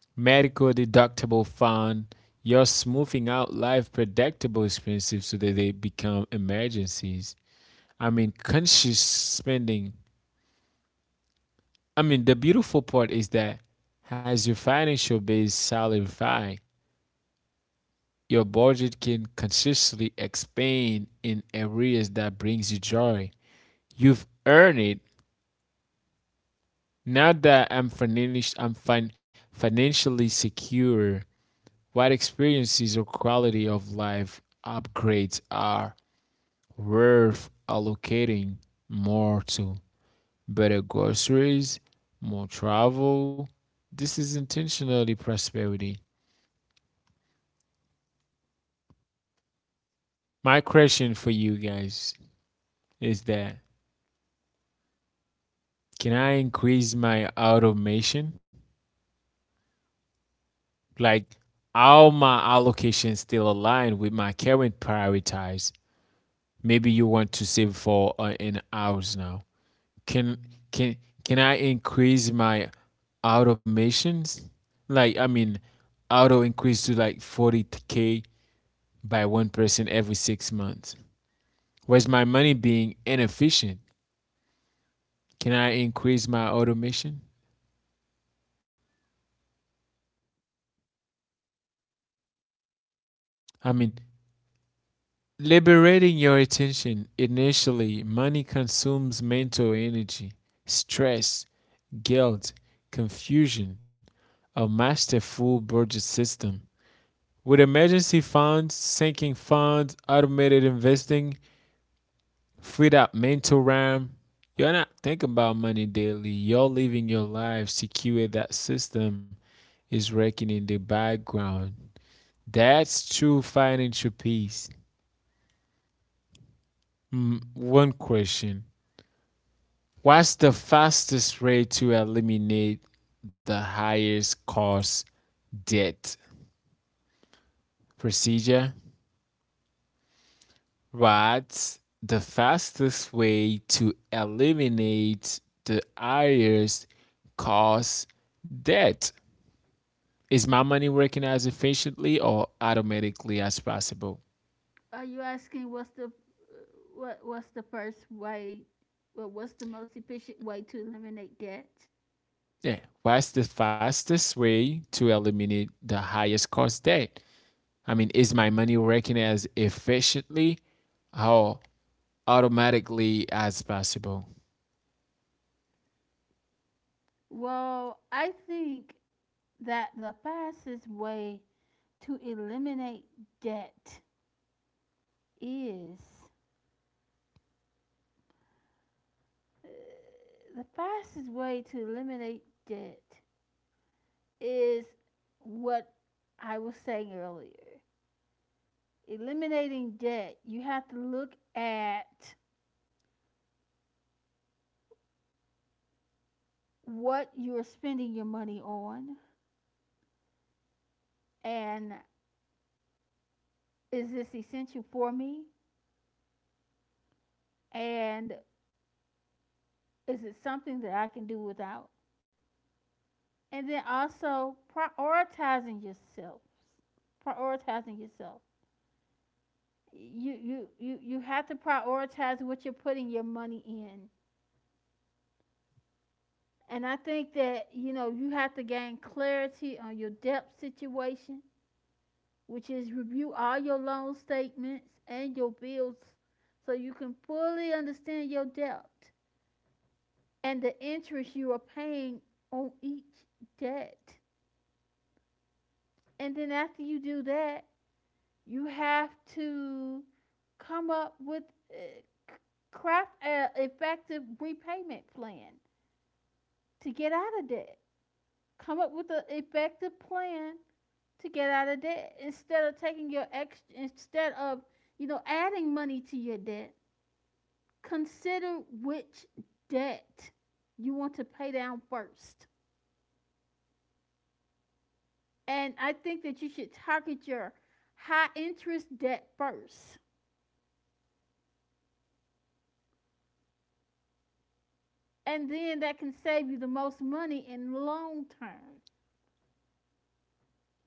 [SPEAKER 1] medical deductible fund. You're smoothing out life predictable expenses so that they become emergencies. I mean, conscious spending. I mean, the beautiful part is that as your financial base solidifies, your budget can consistently expand in areas that brings you joy. You've earned it. Now that I'm, financi- I'm fin- financially secure, what experiences or quality of life upgrades are worth allocating more to? Better groceries, more travel. This is intentionally prosperity. My question for you guys is that, can I increase my automation? Like, are my allocations still aligned with my current priorities? Maybe you want to save for uh, an hours now. can can can I increase my automations? Like i mean auto increase to like forty k by one person every six months. Where's my money being inefficient? Can I increase my automation? i mean liberating your attention initially money consumes mental energy, stress, guilt, confusion. A masterful budget system. With emergency funds, sinking funds, automated investing, freed up mental RAM, you're not thinking about money daily. You're living your life secure that system is working in the background. That's true financial peace. Mm, one question. What's the fastest way to eliminate the highest cost debt procedure? What's the fastest way to eliminate the I R S cause debt? Is my money working as efficiently or automatically as possible?
[SPEAKER 2] Are you asking what's the uh, what what's the first way? Well, what's the most efficient way to eliminate debt?
[SPEAKER 1] Yeah. What's the fastest way to eliminate the highest cost debt? I mean, is my money working as efficiently or automatically as possible?
[SPEAKER 2] Well, I think that the fastest way to eliminate debt is Uh, the fastest way to eliminate debt is what I was saying earlier. Eliminating debt, you have to look at what you're spending your money on and is this essential for me? And is it something that I can do without? And then also prioritizing yourself. Prioritizing yourself. You you you, you have to prioritize what you're putting your money in. And I think that, you know, you have to gain clarity on your debt situation, which is review all your loan statements and your bills so you can fully understand your debt and the interest you are paying on each debt. And then after you do that, you have to come up with uh, craft an effective repayment plan to get out of debt. Come up with an effective plan to get out of debt instead of taking your ex instead of you know adding money to your debt. Consider which debt you want to pay down first, and I think that you should target your high interest debt first, and then that can save you the most money in long term.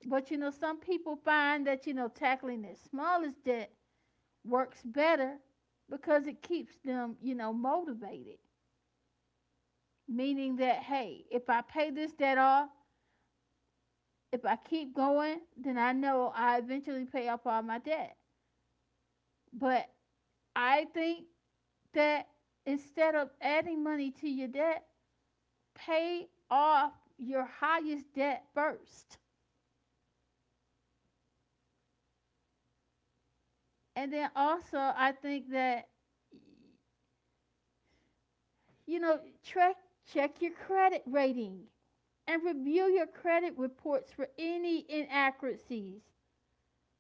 [SPEAKER 2] But you know some people find that you know tackling their smallest debt works better because it keeps them, you know, motivated. Meaning that, hey, if I pay this debt off, if I keep going, then I know I eventually pay off all my debt. But I think that instead of adding money to your debt, pay off your highest debt first. And then also, I think that, you know, check, check your credit rating, and review your credit reports for any inaccuracies,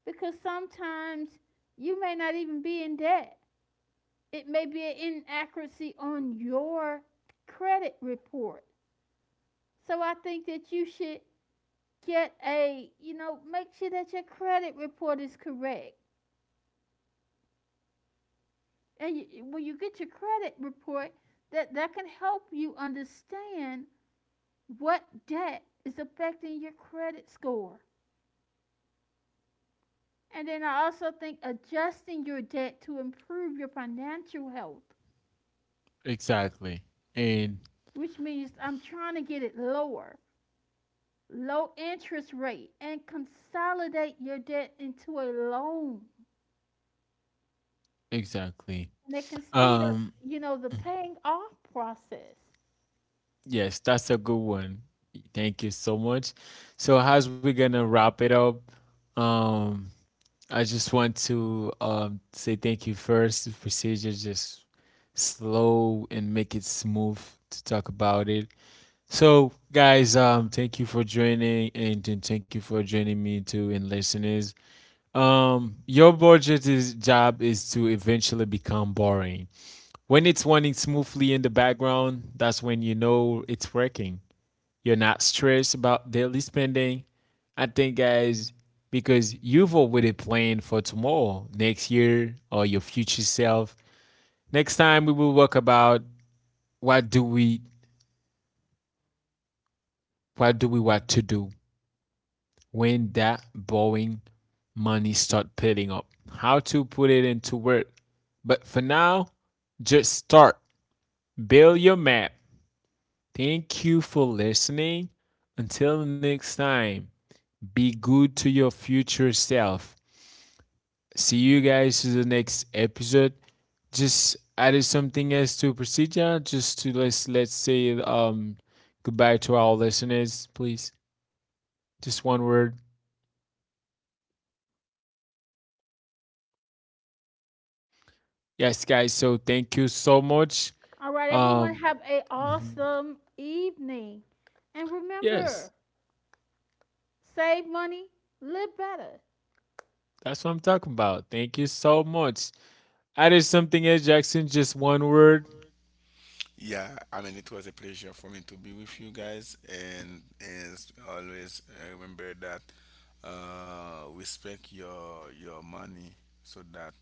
[SPEAKER 2] because sometimes you may not even be in debt. It may be an inaccuracy on your credit report. So I think that you should get a, you know, make sure that your credit report is correct. And you, when you get your credit report, that, that can help you understand what debt is affecting your credit score. And then I also think adjusting your debt to improve your financial health,
[SPEAKER 1] Exactly. And
[SPEAKER 2] which means I'm trying to get it lower, low interest rate, and consolidate your debt into a loan.
[SPEAKER 1] exactly.
[SPEAKER 2] And it can speed up,
[SPEAKER 1] Um.
[SPEAKER 2] you know, the paying off process.
[SPEAKER 1] Yes, that's a good one. Thank you so much. So, as we're gonna wrap it up, um, I just want to um say thank you first. The procedure just slow and make it smooth to talk about it. So, guys, um, thank you for joining, and then thank you for joining me too, and listeners. Um, your budget is job is to eventually become boring. When it's running smoothly in the background, that's when you know it's working. You're not stressed about daily spending. I think, guys, because you've already planned for tomorrow, next year, or your future self. Next time, we will talk about what do we, what do we want to do when that borrowing money start piling up. How to put it into work. But for now, just start. Build your map. Thank you for listening. Until next time, be good to your future self. See you guys to the next episode. Just added something else to procedure, just to let's let's say um goodbye to our listeners, please. Just one word. Yes, guys. So thank you so much.
[SPEAKER 2] All right, everyone
[SPEAKER 1] Um,
[SPEAKER 2] have a
[SPEAKER 1] mhm.
[SPEAKER 2] awesome evening. And
[SPEAKER 1] Yes,
[SPEAKER 2] remember, save money, live better.
[SPEAKER 1] that's what I'm talking about. Thank you so much. Added something else, Jackson. Just one word.
[SPEAKER 3] Yeah, I mean, it was a pleasure for me to be with you guys, and, as always, uh, remember that, uh, respect your your money, so that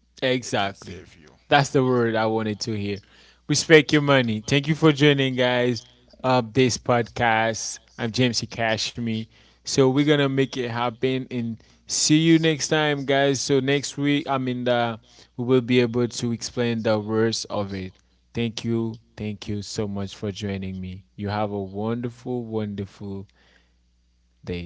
[SPEAKER 3] it can
[SPEAKER 1] Exactly.
[SPEAKER 3] save you.
[SPEAKER 1] That's the word I wanted to hear. Respect your money. Thank you for joining, guys, of this podcast. I'm James E. Cashme. So we're gonna make it happen and see you next time, guys. So next week, I mean, the, we will be able to explain the worst of it. Thank you. Thank you so much for joining me. You have a wonderful, wonderful day.